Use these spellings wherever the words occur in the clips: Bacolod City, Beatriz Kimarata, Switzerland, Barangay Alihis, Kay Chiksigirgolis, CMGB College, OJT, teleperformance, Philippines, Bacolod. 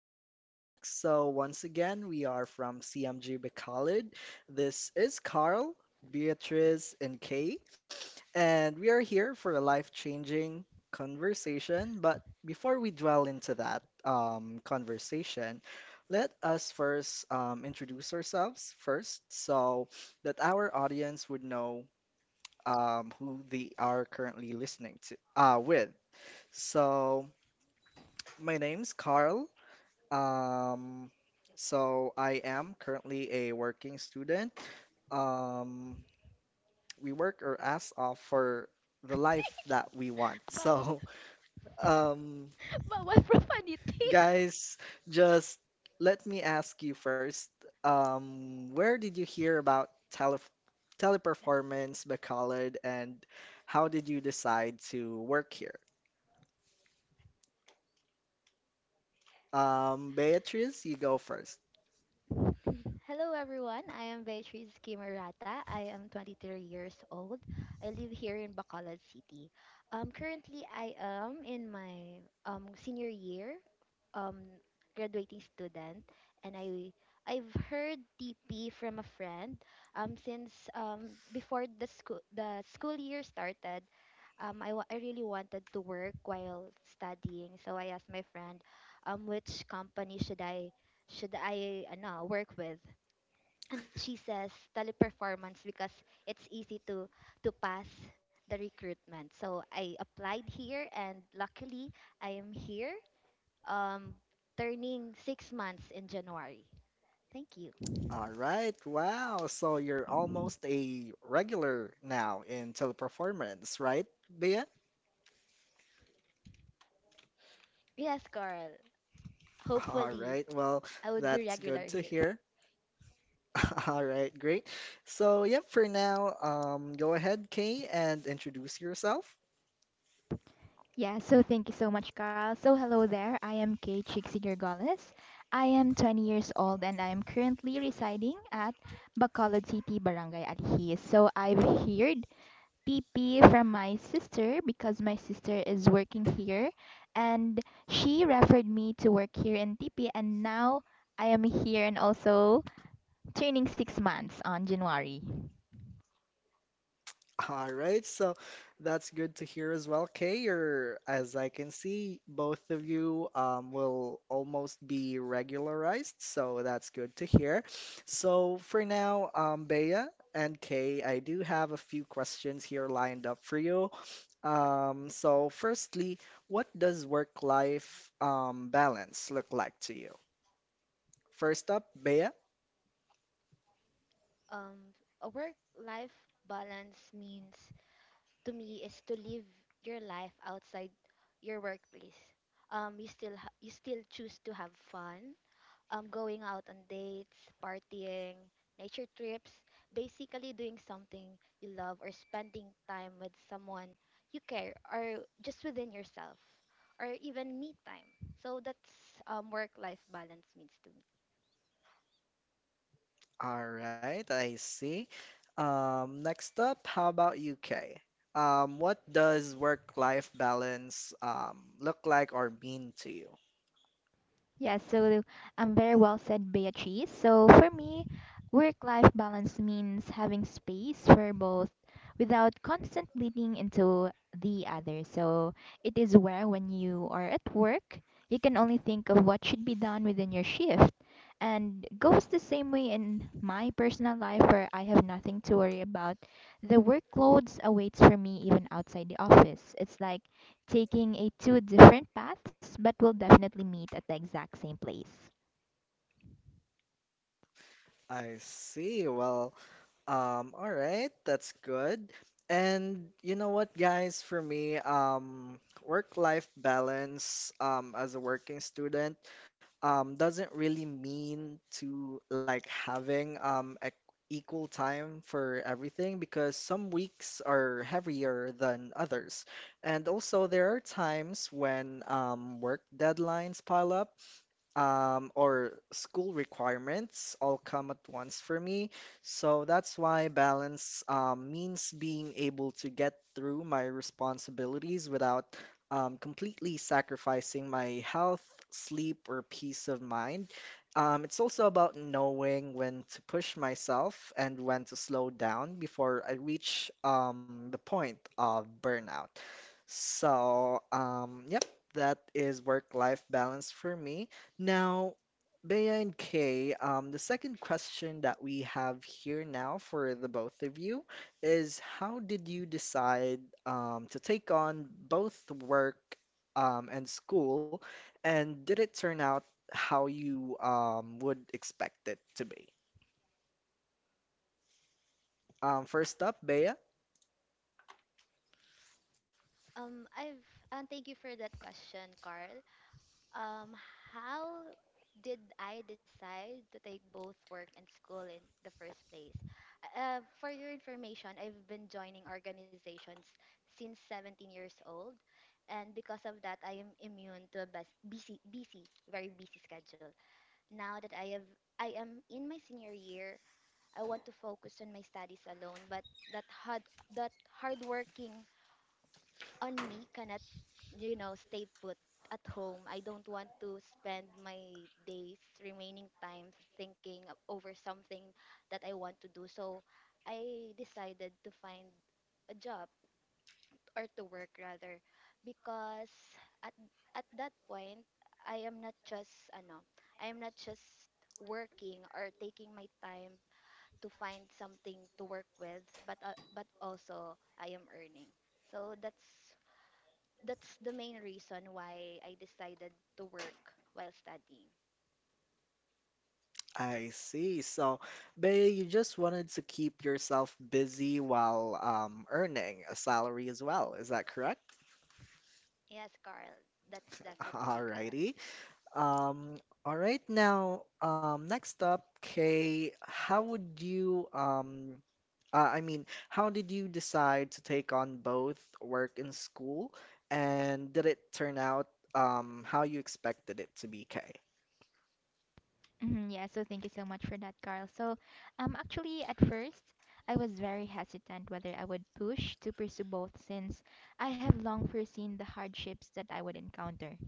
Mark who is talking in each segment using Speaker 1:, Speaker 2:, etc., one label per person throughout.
Speaker 1: welcome back. So once again, we are from CMGB College. This is Carl, Beatrice, and Kay, and we are here for a life-changing conversation. But before we dwell into that conversation, let us first introduce ourselves first, so that our audience would know who they are currently listening to with. So. My name's Carl, um, so I am currently a working student. Um, we work our ass off for the life that we want.
Speaker 2: Bawal,
Speaker 1: So, um,
Speaker 2: bawal profanity.
Speaker 1: guys, just let me ask you first, where did you hear about teleperformance, Bacolod, and how did you decide to work here? Beatrice, you go first.
Speaker 2: Hello everyone, I am Beatriz Kimarata. I am 23 years old. I live here in Bacolod City. Currently, I am in my senior year, um, graduating student, and I've heard TP from a friend, since, before the school year started. I really wanted to work while studying, so I asked my friend, which company should I, work with? And she says teleperformance because it's easy to pass the recruitment. So I applied here and luckily I am here, um turning 6 months in January. Thank you.
Speaker 1: All right, wow. So you're almost a regular now in teleperformance, right, Bea?
Speaker 2: Yes, Carl.
Speaker 1: All
Speaker 2: Hopefully
Speaker 1: right, well,
Speaker 2: I would be
Speaker 1: that's good
Speaker 2: regular
Speaker 1: to
Speaker 2: here.
Speaker 1: hear. All right, great. So, yep, for now, go ahead, Kay, and introduce yourself.
Speaker 3: Yeah, so thank you so much, Carl. So hello there. I am Kay Chiksigirgolis. I am 20 years old and I am currently residing at Bacolod City, Barangay Alihis. So I've heard PP from my sister because my sister is working here, and she referred me to work here in TP, and now I am here and also turning 6 months on January.
Speaker 1: All right, so that's good to hear as well, Kay. You're, as I can see, both of you will almost be regularized, so that's good to hear. So for now, Bea and Kay, I do have a few questions here lined up for you. So firstly, what does work-life balance look like to you? First up, Bea.
Speaker 2: Um a work life balance means to me is to live your life outside your workplace. You still choose to have fun, going out on dates, partying, nature trips, basically doing something you love or spending time with someone you care or just within yourself or even me time. So that's, work life balance means to me.
Speaker 1: All right, I see. Next up, how about UK? What does work-life balance look like or mean to you?
Speaker 3: Yes, so very well said, Beatrice. So for me, work-life balance means having space for both without constant bleeding into the other. So it is where when you are at work, you can only think of what should be done within your shift. And goes the same way in my personal life where I have nothing to worry about. The workloads awaits for me even outside the office. It's like taking a two different paths, but we'll definitely meet at the exact same place.
Speaker 1: I see. Well, all right, that's good. And you know what, guys, for me, work-life balance, as a working student, doesn't really mean to like having equal time for everything because some weeks are heavier than others. And also there are times when work deadlines pile up or school requirements all come at once for me. So that's why balance means being able to get through my responsibilities without completely sacrificing my health, sleep, or peace of mind. It's also about knowing when to push myself and when to slow down before I reach the point of burnout. So, yep, that is work-life balance for me. Now, Bea and Kay, the second question that we have here now for the both of you is how did you decide to take on both work and school, and did it turn out how you would expect it to be? First up, Bea.
Speaker 2: I've and thank you for that question, Carl. Um, how did I decide to take both work and school in the first place? For your information, I've been joining organizations since 17 years old, and because of that, I am immune to a busy, busy, very busy schedule. Now that I have, I am in my senior year, I want to focus on my studies alone, but that hard, that hardworking on me cannot, stay put at home. I don't want to spend my days remaining time thinking over something that I want to do, so I decided to find a job, or to work rather, because at at that point, i am not just ano I am not just working or taking my time to find something to work with, but also I am earning. So that's the main reason why I decided to work while studying.
Speaker 1: I see. So, Bay, you just wanted to keep yourself busy while earning a salary as well. Is that correct?
Speaker 2: Yes, Carl, that's definitely correct.
Speaker 1: Alrighty. Um, all right. Now, next up, Kay, how would you, I mean, how did you decide to take on both work and school? And did it turn out how you expected it to be, Kay?
Speaker 3: Mhm. Yeah, so thank you so much for that, Carl. So, actually, at first, I was very hesitant whether I would push to pursue both since I have long foreseen the hardships that I would encounter.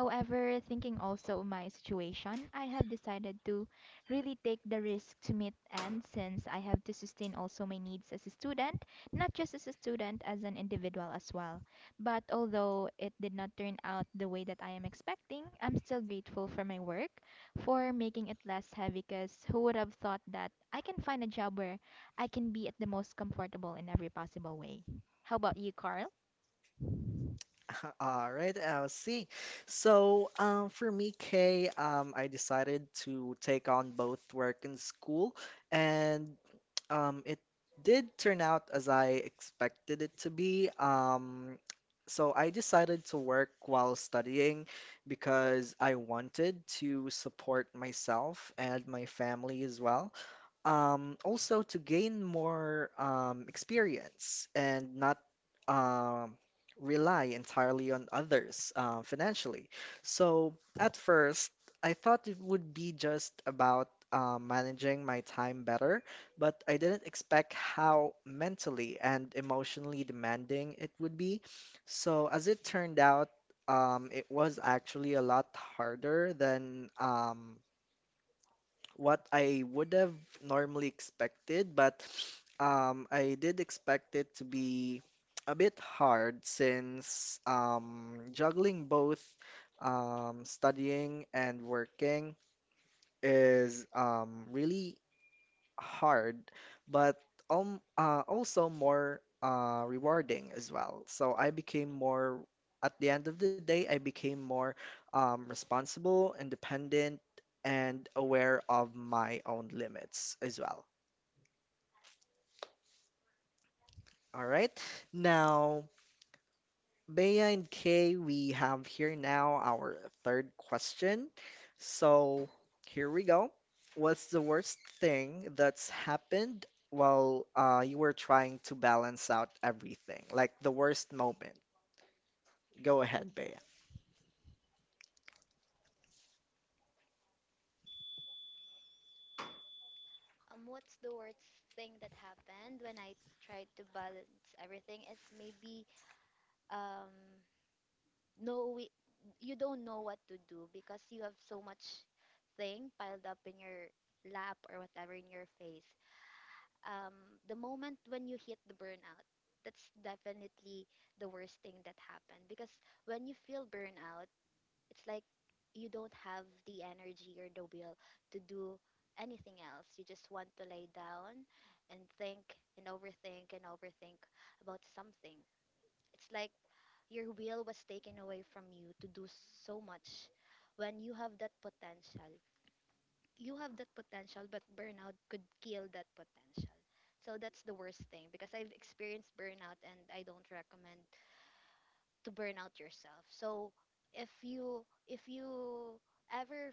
Speaker 3: However, thinking also of my situation, I have decided to really take the risk to meet ends since I have to sustain also my needs as a student, not just as a student, as an individual as well. But although it did not turn out the way that I am expecting, I'm still grateful for my work, for making it less heavy, because who would have thought that I can find a job where I can be at the most comfortable in every possible way? How about you, Carl?
Speaker 1: All right, I see. So, for me, Kay, I decided to take on both work and school, and it did turn out as I expected it to be. So I decided to work while studying because I wanted to support myself and my family as well, also to gain more experience and not um, rely entirely on others financially. So at first, I thought it would be just about managing my time better, but I didn't expect how mentally and emotionally demanding it would be. So as it turned out, it was actually a lot harder than what I would have normally expected, but I did expect it to be a bit hard since juggling both studying and working is really hard, but also more rewarding as well. So I became more, at the end of the day, I became more responsible, independent, and aware of my own limits as well. All right. Now, Bea and Kay, we have here now our third question. So here we go. What's the worst thing that's happened while you were trying to balance out everything? Like the worst moment. Go ahead, Bea.
Speaker 2: What's the worst thing that happened when I tried to balance everything is maybe, um no we you don't know what to do because you have so much thing piled up in your lap or whatever in your face. The moment when you hit the burnout, that's definitely the worst thing that happened, because when you feel burnout, it's like you don't have the energy or the will to do anything else. You just want to lay down and think and overthink about something. It's like your will was taken away from you to do so much when you have that potential. You have that potential, but burnout could kill that potential. So that's the worst thing, because I've experienced burnout and I don't recommend to burn out yourself. So if you ever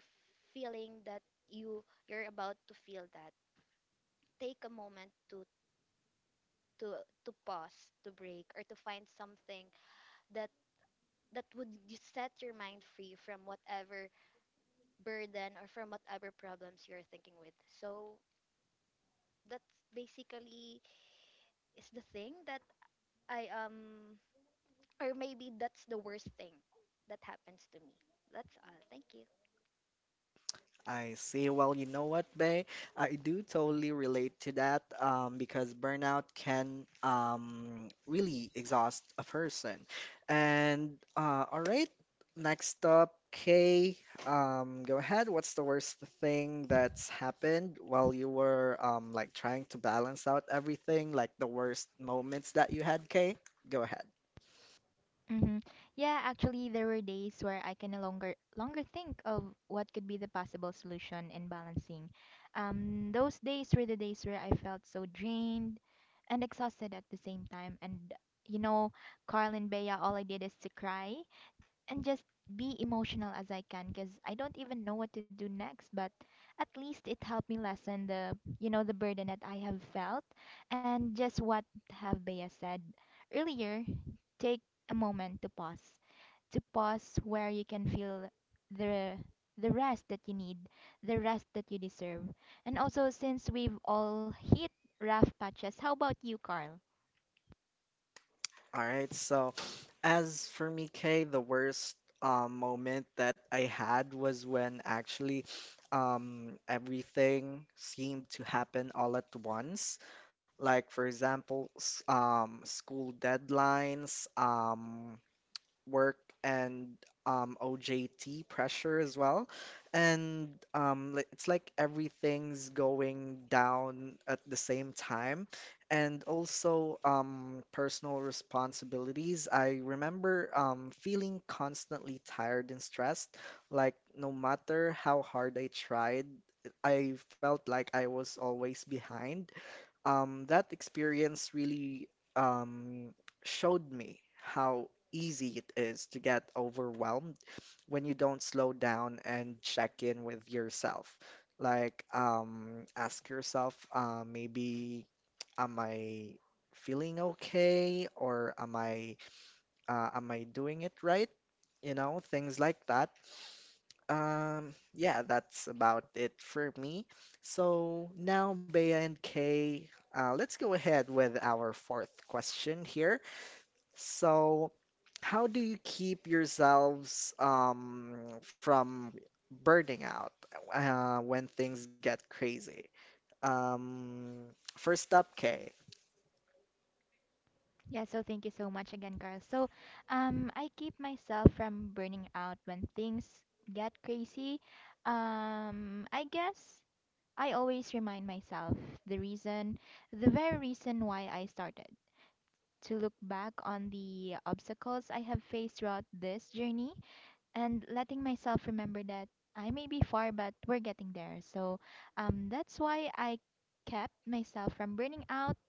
Speaker 2: feeling that you're about to feel that, take a moment to pause, to break, or to find something that that would you set your mind free from whatever burden or from whatever problems you're thinking with. So that's basically is the thing that I, or maybe that's the worst thing that happens to me. That's all. Thank you.
Speaker 1: I see. Well, you know what, Bay? I do totally relate to that because burnout can really exhaust a person. And all right, next up, Kay. Go ahead. What's the worst thing that's happened while you were like trying to balance out everything, like the worst moments that you had, Kay? Go ahead.
Speaker 3: Mm-hmm. Yeah, actually, there were days where I can no longer think of what could be the possible solution and balancing. Those days were the days where I felt so drained and exhausted at the same time. And you know, Carl and Bea, all I did is to cry and just be emotional as I can, because I don't even know what to do next. But at least it helped me lessen the you know the burden that I have felt, and just what have Bea said earlier, take a moment to pause where you can feel the the rest that you need, the rest that you deserve. And also, since we've all hit rough patches, how about you, Carl?
Speaker 1: All right, so as for me, Kay, the worst moment that I had was when actually everything seemed to happen all at once. Like, for example, school deadlines, work and OJT pressure as well. And it's like everything's going down at the same time. And also personal responsibilities. I remember feeling constantly tired and stressed. Like, no matter how hard I tried, I felt like I was always behind. That experience really um, showed me how easy it is to get overwhelmed when you don't slow down and check in with yourself. Like, ask yourself, maybe, am I feeling okay? Or am I doing it right? You know, things like that. Yeah, that's about it for me. So now, Bea and Kay, let's go ahead with our fourth question here. So, how do you keep yourselves from burning out when things get crazy? Um, First up, Kay.
Speaker 3: Yeah, so thank you so much again, Carl. So, I keep myself from burning out when things get crazy. I guess I always remind myself the reason, the very reason why I started, to look back on the obstacles I have faced throughout this journey, and letting myself remember that I may be far, but we're getting there. So, that's why I kept myself from burning out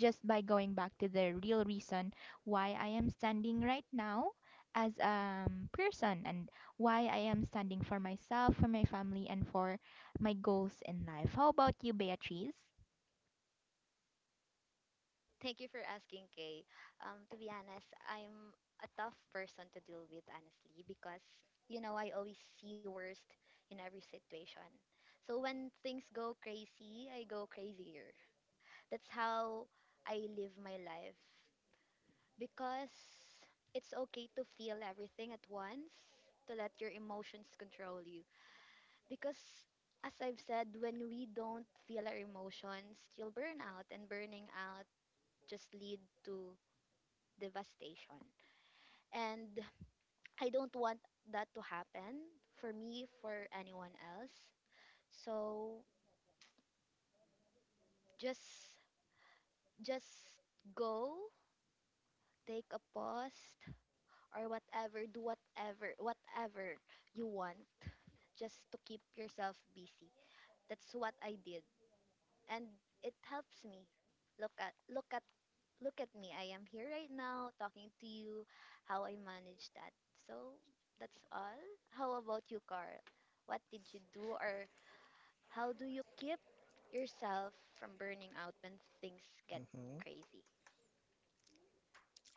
Speaker 3: just by going back to the real reason why I am standing right now as a person, and why I am standing for myself, for my family, and for my goals in life. How about you, Beatrice?
Speaker 2: Thank you for asking, Kay. To be honest, I'm a tough person to deal with, honestly, because you know I always see worst in every situation. So when things go crazy, I go crazier. That's how I live my life, because it's okay to feel everything at once, to let your emotions control you. Because as I've said, when we don't feel our emotions, you'll burn out, and burning out just lead to devastation. And I don't want that to happen for me, for anyone else. So just just go, take a pause or whatever, do whatever you want just to keep yourself busy. That's what I did and it helps me. Look at look at look at me. I am here right now talking to you, how I manage that. So that's all. How about you, Carl? What did you do, or how do you keep yourself from burning out when things get
Speaker 1: Mm-hmm.
Speaker 2: crazy?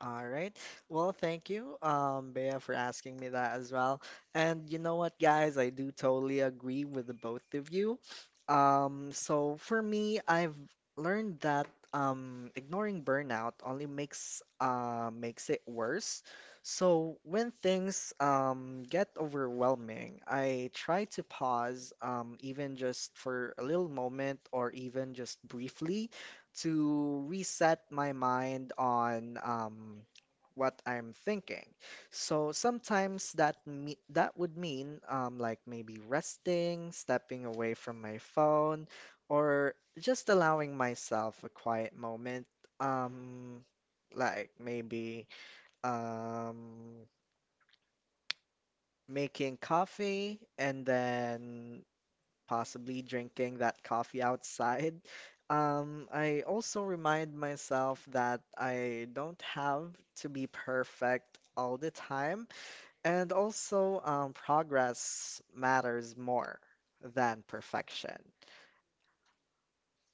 Speaker 1: All right. Well, thank you, Bea, for asking me that as well. And you know what, guys? I do totally agree with the both of you. So for me, I've learned that ignoring burnout only makes it worse. So when things get overwhelming, I try to pause, even just for a little moment or even just briefly to reset my mind on what I'm thinking. So sometimes that would mean like maybe resting, stepping away from my phone, or just allowing myself a quiet moment. Um, like maybe um, making coffee and then possibly drinking that coffee outside. I also remind myself that I don't have to be perfect all the time, and also progress matters more than perfection.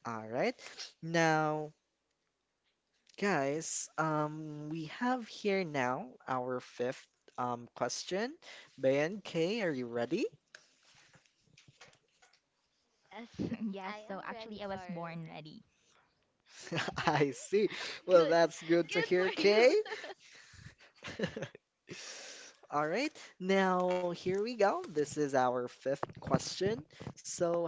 Speaker 1: All right. Now, guys, we have here now our fifth question. Ben, Kay, are you ready?
Speaker 2: Yes, I
Speaker 3: Yes,
Speaker 2: am
Speaker 3: so
Speaker 2: ready,
Speaker 3: actually, I was
Speaker 2: Carl.
Speaker 3: born ready.
Speaker 1: I see. Well,
Speaker 2: Good.
Speaker 1: that's good to
Speaker 2: Good
Speaker 1: hear,
Speaker 2: for you.
Speaker 1: Kay. All right, now here we go. This is our fifth question. So,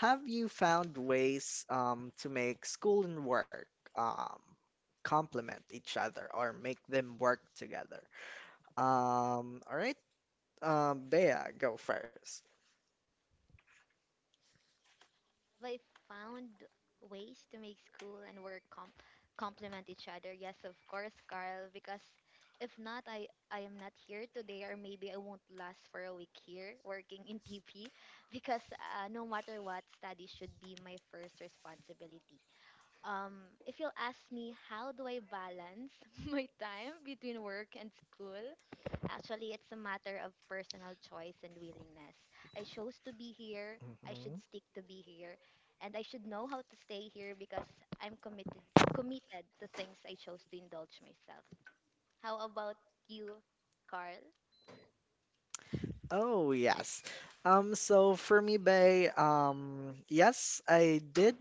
Speaker 1: have you found ways to make school and work um, complement each other or make them work together? All right, Bea, go 1st.
Speaker 2: Have I found ways to make school and work complement each other? Yes, of course, Carl, because if not, I am not here today, or maybe I won't last for a week here working in TP because, no matter what, study should be my first responsibility. If you'll ask me, how do I balance my time between work and school? Actually, it's a matter of personal choice and willingness. I chose to be here, I should stick to be here, and I should know how to stay here, because I'm committed to things I chose to indulge myself. How about you, Carl?
Speaker 1: Oh yes. So for me, Bay, yes, I did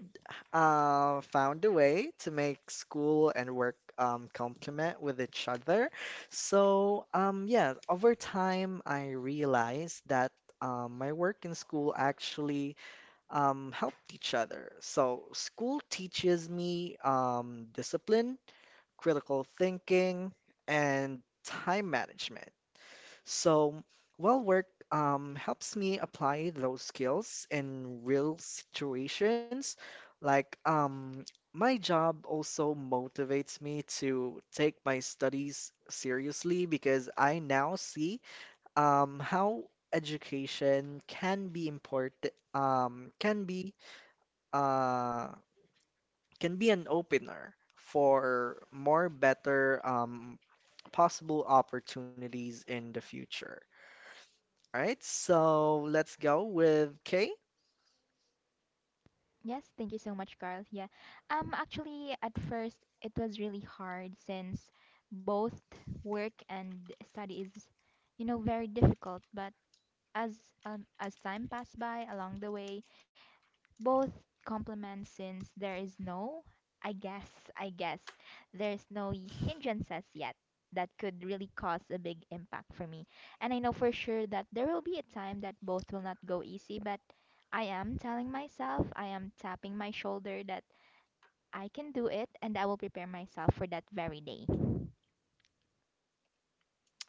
Speaker 1: found a way to make school and work complement with each other. So yeah, over time I realized that my work and school actually helped each other. So school teaches me discipline, critical thinking, and time management. So, well, work helps me apply those skills in real situations. Like, my job also motivates me to take my studies seriously because I now see how education can be important, uh, can be an opener for more better possible opportunities in the future. All right, so let's go with K.
Speaker 3: Yes, thank you so much, Carl. Yeah. Actually, at first, it was really hard since both work and study is very difficult. But as as time passed by along the way, both compliments since there is no I guess there's no hindrances yet that could really cause a big impact for me. And I know for sure that there will be a time that both will not go easy, but I am telling myself, I am tapping my shoulder that I can do it, and I will prepare myself for that very day.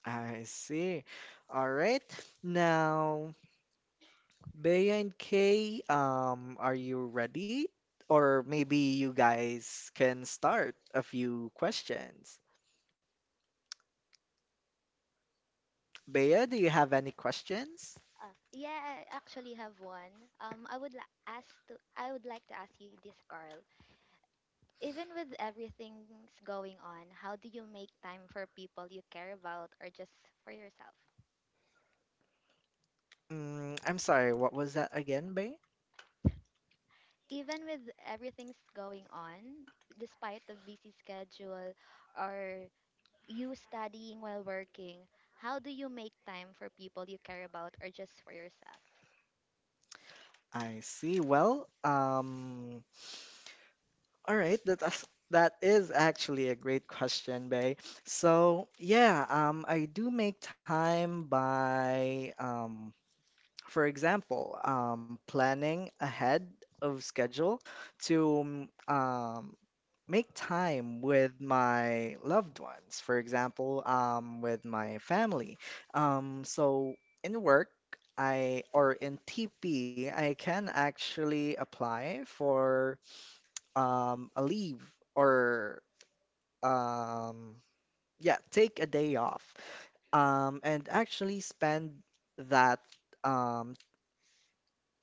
Speaker 1: I see. All right. Now, Bea and K, are you ready? Or maybe you guys can start a few questions. Bea, do you have any questions?
Speaker 2: Yeah, I actually have one. I would like to ask you this, Carl. Even with everything's going on, how do you make time for people you care about or just for yourself?
Speaker 1: Mm, I'm sorry, what was that again, Bea?
Speaker 2: Even with everything's going on, despite the busy schedule, or you studying while working, how do you make time for people you care about or just for yourself?
Speaker 1: I see. Well, all right, that is actually a great question, Bay. So yeah, I do make time by, for example, planning ahead of schedule to make time with my loved ones. For example, with my family. So in work. I or in TP, I can actually apply for a leave or um, yeah, take a day off and actually spend that um,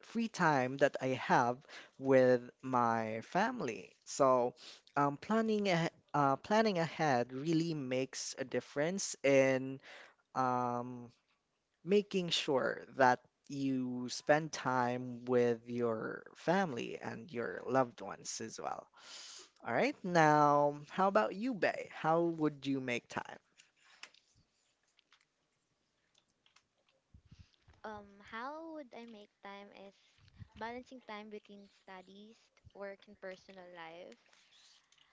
Speaker 1: free time that I have with my family. So planning ahead really makes a difference in um, making sure that you spend time with your family and your loved ones as well. All right, now, how about you, Bay? How would you make time?
Speaker 2: How would I make time is balancing time between studies, work, and personal life.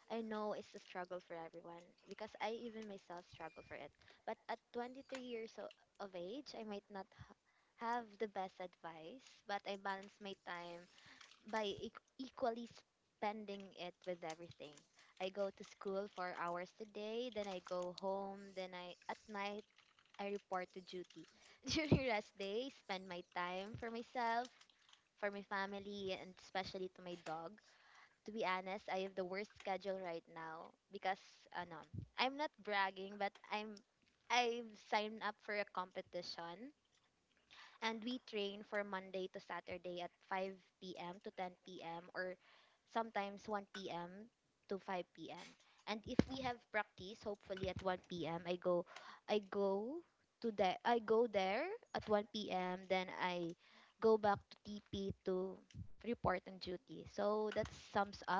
Speaker 2: I know it's a struggle for everyone because I even myself struggle for it. But at 23 years of age, I might not have the best advice, but I balance my time by equally spending it with everything. I go to school for hours a day, then I go home, then I at night I report to duty. During rest day, spend my time for myself, for my family, and especially to my dog. To be honest, I have the worst schedule right now because, ano, I'm not bragging, but I've signed up for a competition, and we train for Monday to Saturday at 5 p.m. to 10 p.m. or sometimes 1 p.m. to 5 p.m. And if we have practice, hopefully at 1 p.m. I go to the I go there at 1 p.m., then I go back to TP to report on duty. So that sums up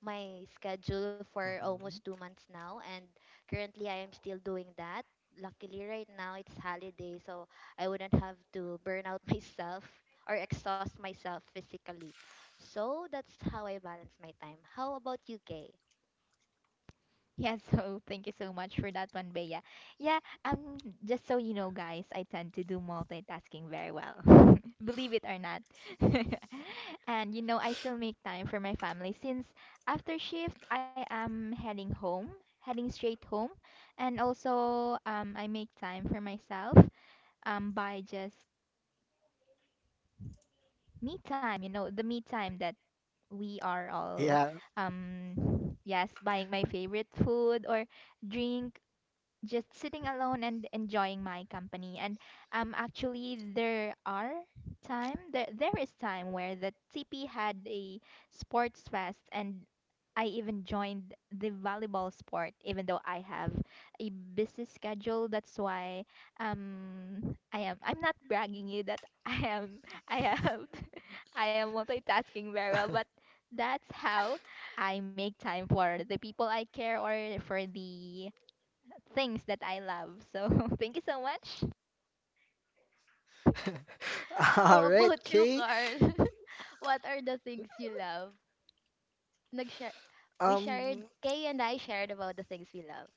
Speaker 2: my schedule for almost
Speaker 1: Mhm.
Speaker 2: 2 months now, and currently I am still doing that. Luckily, right now it's holiday, so I wouldn't have to burn out myself or exhaust myself physically. So that's how I balance my time. How about you, Kay?
Speaker 3: Yeah, so thank you so much for that one, Bea. Yeah, just so you know, guys, I tend to do multitasking very well, believe it or not. And you know, I still make time for my family since after shift, I am heading home, heading straight home, and also I make time for myself by just me time, you know, the me time that we are all
Speaker 1: Yeah.
Speaker 3: um yes, buying my favorite food or drink, just sitting alone and enjoying my company. And actually, there is time where the TP had a sports fest, and I even joined the volleyball sport, even though I have a busy schedule. That's why I'm not bragging you that I am I am multitasking very well, but that's how I make time for the people I care or for the things that I love. So thank you so much.
Speaker 2: How
Speaker 1: All right,
Speaker 2: about you,
Speaker 1: Kay.
Speaker 2: Carl? What are the things you love? Nag-share. We shared,
Speaker 1: Um,
Speaker 2: Kay and I shared about the things we love.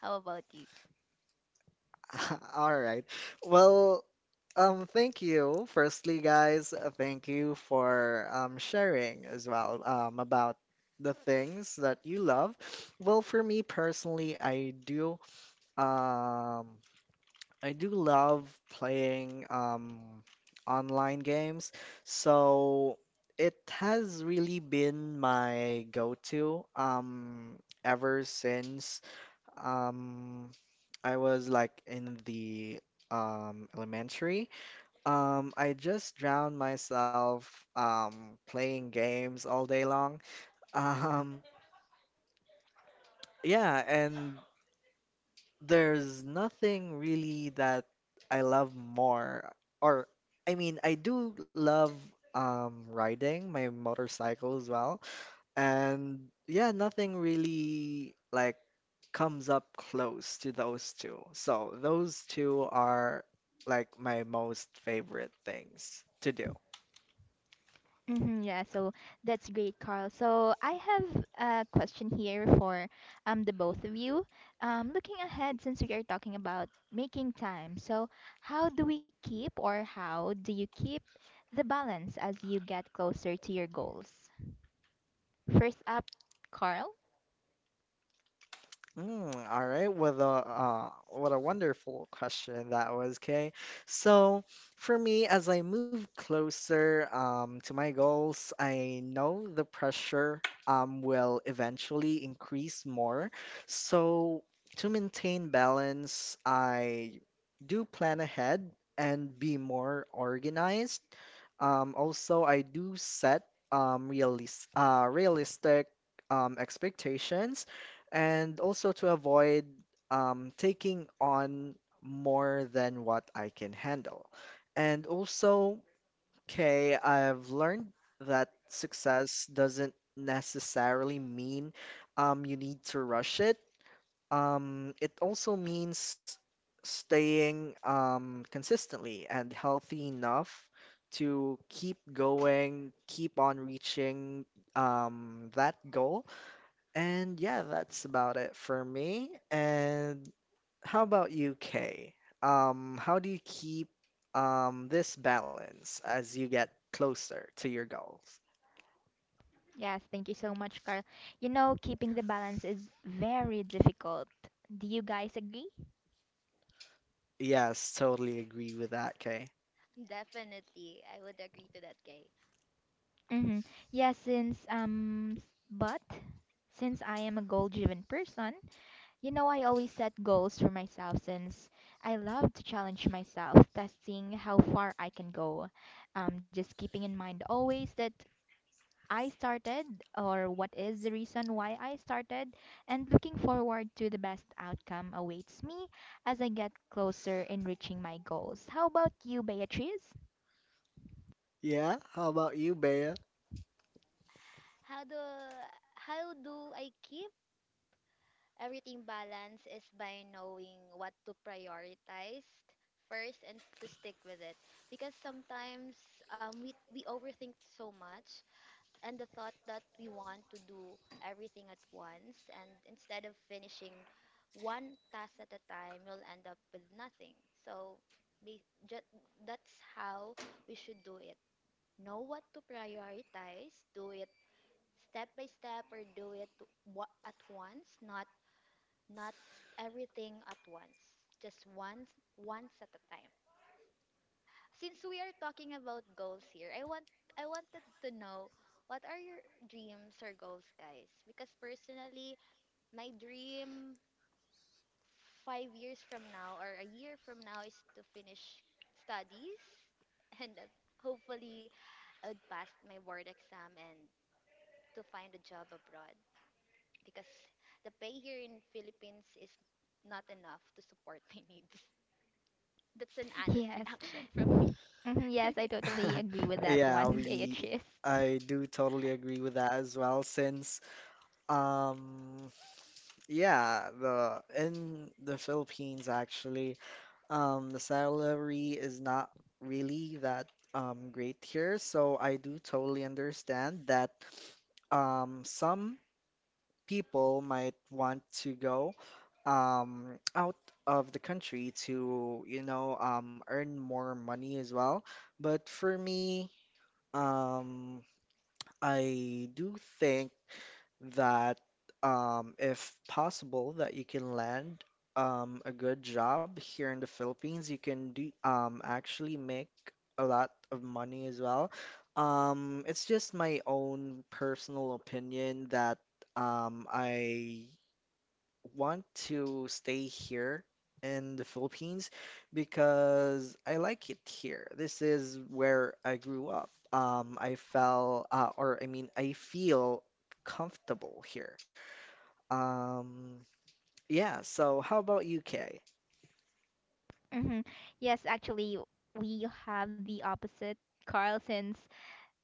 Speaker 2: How about you?
Speaker 1: all right. Well, thank you. Firstly, guys, thank you for sharing as well about the things that you love. Well, for me personally, um I do love playing online games, so it has really been my go-to ever since um, I was like in the elementary. I just drowned myself playing games all day long. Um, yeah, and there's nothing really that I love more. Or, I mean, I do love riding my motorcycle as well. And yeah, nothing really like comes up close to those two. So those two are like my most favorite things to do.
Speaker 3: Hmm, yeah, so that's great, Carl. So I have a question here for the both of you. Looking ahead, since we are talking about making time, so how do we keep or how do you keep the balance as you get closer to your goals? First up, Carl.
Speaker 1: Mm, all right, what a wonderful question that was, Kay. So for me, as I move closer to my goals, I know the pressure will eventually increase more. So to maintain balance, I do plan ahead and be more organized. Also, I do set realistic expectations, and also to avoid taking on more than what I can handle. And also, okay, I've learned that success doesn't necessarily mean you need to rush it. It also means staying consistently and healthy enough to keep going, keep on reaching that goal. And yeah, that's about it for me. And how about you, Kay? How do you keep this balance as you get closer to your goals?
Speaker 3: Yes, thank you so much, Carl. You know, keeping the balance is very difficult. Do you guys agree?
Speaker 1: Yes, totally agree with that, Kay.
Speaker 2: Definitely, I would agree to that, Kay.
Speaker 3: Mm-hmm. Yeah, since s- but since I am a goal-driven person, you know I always set goals for myself since I love to challenge myself, testing how far I can go. Just keeping in mind always that I started, or what is the reason why I started, and looking forward to the best outcome awaits me as I get closer in reaching my goals. How about you, Beatrice?
Speaker 1: Yeah, how about you, Bea?
Speaker 2: How do how do I keep everything balanced is by knowing what to prioritize first and to stick with it, because sometimes, we overthink so much, and the thought that we want to do everything at once, and instead of finishing one task at a time, you'll end up with nothing. So, be, ju- that's how we should do it. Know what to prioritize, do it step by step, or do it at once, not everything at once, just once at a time. Since we are talking about goals here, I wanted to know, what are your dreams or goals, guys? Because personally, my dream 5 years from now or a year from now is to finish studies and, hopefully I would pass my board exam and to find a job abroad, because the pay here in Philippines is not enough to support my needs. That's an
Speaker 3: Yes.
Speaker 2: honest reaction from
Speaker 3: Hmm.
Speaker 2: me.
Speaker 3: Yes, I totally agree with that
Speaker 1: Yeah,
Speaker 3: one,
Speaker 1: we
Speaker 3: Beatrice.
Speaker 1: I do totally agree with that as well, since um yeah, the in the Philippines actually, the salary is not really that great here, so I do totally understand that some people might want to go out of the country to, you know, earn more money as well. But for me, um, I do think that if possible, that you can land a good job here in the Philippines. You can do actually make a lot of money as well. It's just my own personal opinion that I want to stay here in the Philippines because I like it here. This is where I grew up. I felt, or I mean, I feel comfortable here. Um, yeah, so how about UK?
Speaker 3: Hmm. Yes, actually, we have the opposite, Carl, since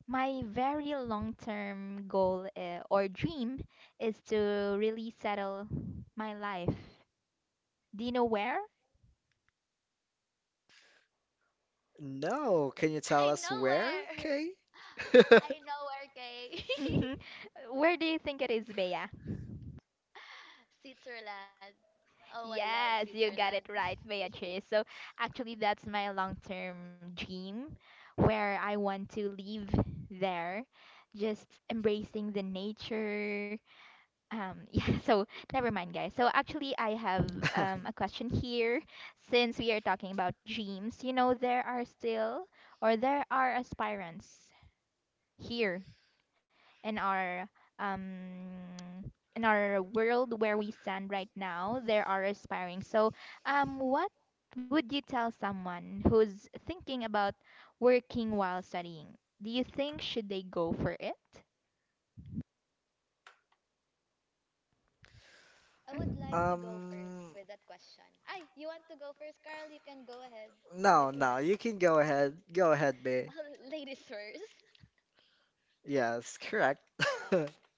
Speaker 3: my very long-term goal or dream is to really settle my life. Do you know where?
Speaker 1: No, can you tell
Speaker 2: I
Speaker 1: us
Speaker 2: know
Speaker 1: where,
Speaker 2: where.
Speaker 1: Kay?
Speaker 2: I know where, Kay.
Speaker 3: Hmm. Where do you think it is, Bea?
Speaker 2: Switzerland. Oh, I love
Speaker 3: Yes, you got
Speaker 2: Switzerland.
Speaker 3: it right, Beatrice. So actually, that's my long-term dream where I want to live there, just embracing the nature. Yeah, so never mind, guys. So actually, I have a question here. Since we are talking about dreams, you know, there are aspirants here in our um in our world where we stand right now, there are aspiring. So, what would you tell someone who's thinking about working while studying? Do you think should they go for it?
Speaker 2: I would like to go first
Speaker 1: Um,
Speaker 2: with that question. Ay, you want to go first, Carl? You can go ahead
Speaker 1: no,
Speaker 2: if you
Speaker 1: no,
Speaker 2: want.
Speaker 1: you can go ahead. Go ahead, Bay.
Speaker 2: Ladies first.
Speaker 1: Yes, correct.
Speaker 2: Um,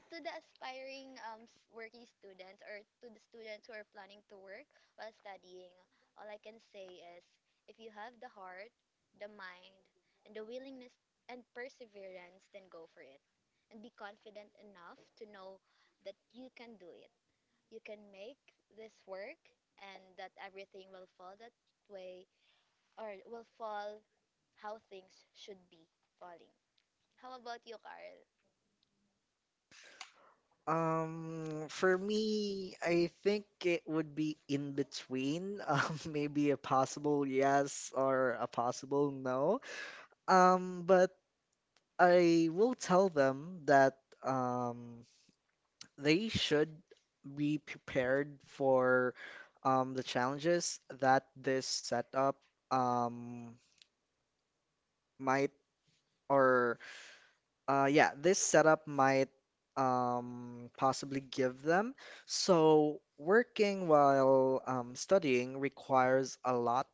Speaker 2: to the aspiring, working students, or to the students who are planning to work while studying, all I can say is, if you have the heart, the mind, and the willingness and perseverance, then go for it. And be confident enough to know that you can do it. You can make this work and that everything will fall that way, or will fall how things should be falling. How about you, Carl?
Speaker 1: For me, I think it would be in between. Maybe a possible yes or a possible no. But I will tell them that um, they should be prepared for the challenges that this setup um, might or yeah, this setup might possibly give them. So, working while studying requires a lot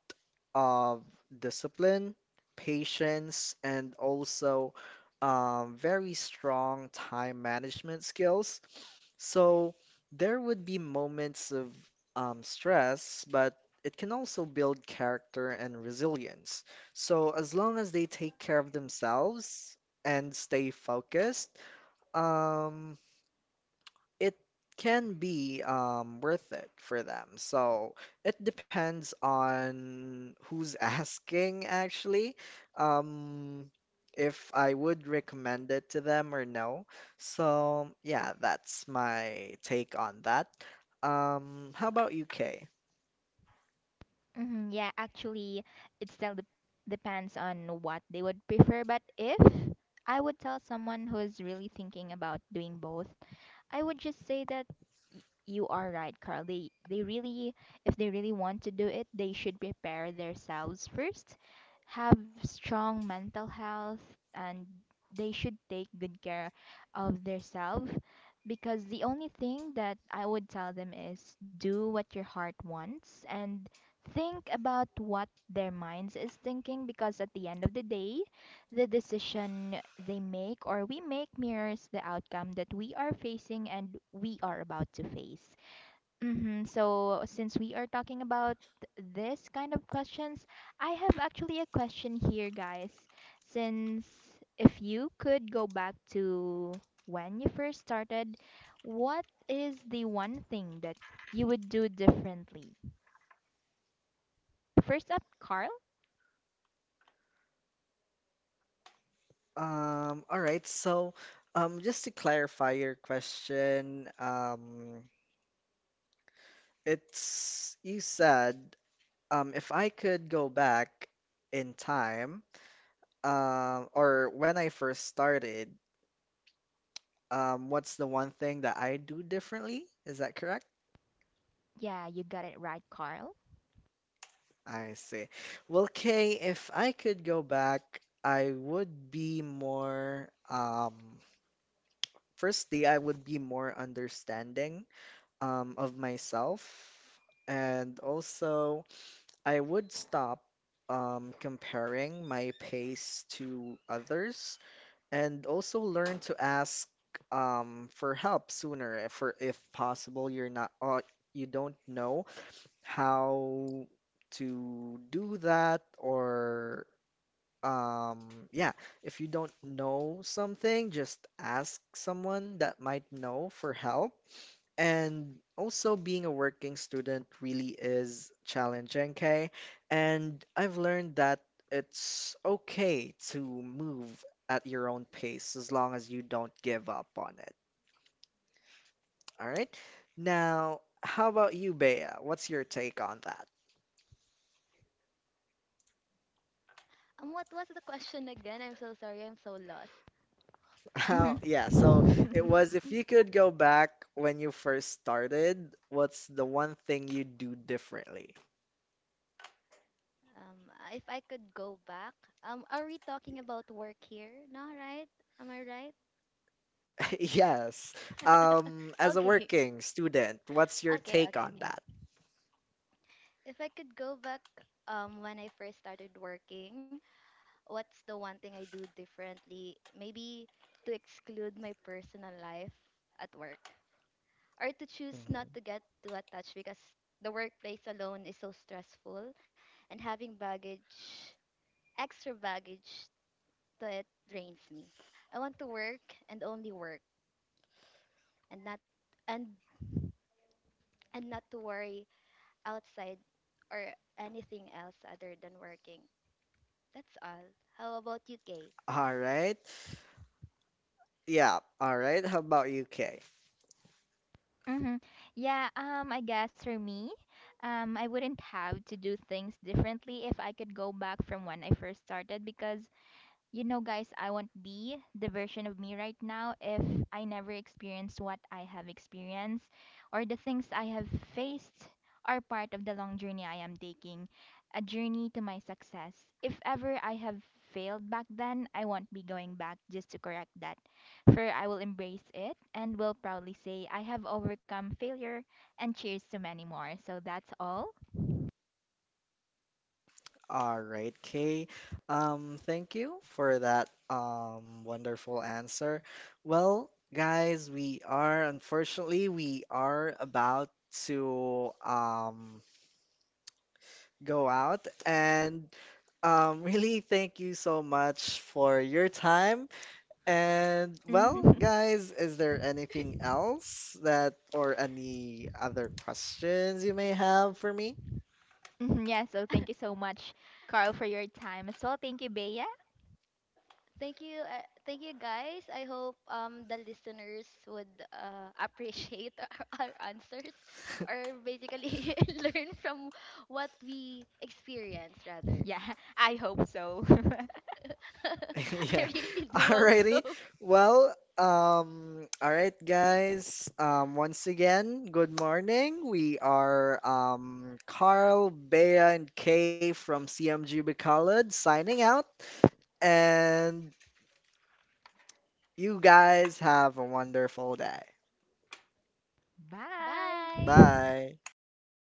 Speaker 1: of discipline, patience, and also very strong time management skills. So, there would be moments of stress, but it can also build character and resilience. So, as long as they take care of themselves and stay focused, um, it can be worth it for them. So it depends on who's asking, actually, um, if I would recommend it to them or no. So yeah, that's my take on that. How about UK?
Speaker 3: Mm-hmm, yeah, actually, it still depends on what they would prefer. But if I would tell someone who is really thinking about doing both, I would just say that you are right, Carl. If they really want to do it, they should prepare themselves first, have strong mental health, and they should take good care of themselves, because the only thing that I would tell them is do what your heart wants and think about what their minds is thinking, because at the end of the day, the decision they make or we make mirrors the outcome that we are facing and we are about to face. Mm-hmm. So, since we are talking about this kind of questions, I have actually a question here, guys. Since if you could go back to when you first started, what is the one thing that you would do differently? First up, Carl.
Speaker 1: All right, so just to clarify your question, it's you said. If I could go back in time, or when I first started, what's the one thing that I do differently? Is that correct?
Speaker 3: Yeah, you got it right, Carl.
Speaker 1: I see. Well, Kay, if I could go back, I would be more, firstly, I would be more understanding, of myself. And also, I would stop, comparing my pace to others, and also learn to ask for help sooner if or if possible you're not, or you don't know how to do that, or yeah, if you don't know something, just ask someone that might know for help. And also, being a working student really is challenging, okay? And I've learned that it's okay to move at your own pace as long as you don't give up on it, all right? Now, how about you, Bea? What's your take on that?
Speaker 2: What was the question again? I'm so sorry. I'm so lost.
Speaker 1: How, yeah, so
Speaker 3: Mm-hmm.
Speaker 1: it was, if you could go back when you first started, what's the one thing you'd do differently?
Speaker 2: If I could go back, are we talking about work here? No, right? Am I right?
Speaker 1: Yes. As a
Speaker 2: Okay,
Speaker 1: working student, what's your
Speaker 2: okay,
Speaker 1: take
Speaker 2: okay,
Speaker 1: on
Speaker 2: okay.
Speaker 1: that?
Speaker 2: If I could go back, when I first started working, what's the one thing I do differently? Maybe to exclude my personal life at work, or to choose not
Speaker 1: Mhm.
Speaker 2: to get too attached, because the workplace alone is so stressful, and having baggage extra baggage to it drains me. I want to work and only work, and not and and not to worry outside or anything else other than working. That's all. How about you, Kate?
Speaker 1: All right. Yeah. All right. How about you, Kay?
Speaker 3: Mm-hmm. Yeah, I guess for me, I wouldn't have to do things differently if I could go back from when I first started, because you know, guys, I won't be the version of me right now if I never experienced what I have experienced, or the things I have faced are part of the long journey I am taking, a journey to my success. If ever I have failed back then, I won't be going back just to correct that. For I will embrace it and will proudly say I have overcome failure, and cheers to many more. So that's all.
Speaker 1: All right, Kay. Thank you for that wonderful answer. Well, guys, we are unfortunately we are about to go out and really thank you so much for your time. And well,
Speaker 3: Mhm.
Speaker 1: guys, is there anything else, that or any other questions you may have for me?
Speaker 3: Mhm, yeah, so thank you so much, Carl, for your time as well. Thank you, Bea.
Speaker 2: Thank you guys. I hope, the listeners would, appreciate our answers, or basically learn from what we experience rather.
Speaker 3: Yeah, I hope so.
Speaker 2: I
Speaker 1: Yeah.
Speaker 2: really do hope so.
Speaker 1: Alrighty. Well, all right, guys. Once again, good morning. We are Carl, Bea, and Kay from CMG Bacolod signing out. And you guys have a wonderful day.
Speaker 2: Bye.
Speaker 3: Bye.
Speaker 1: Bye.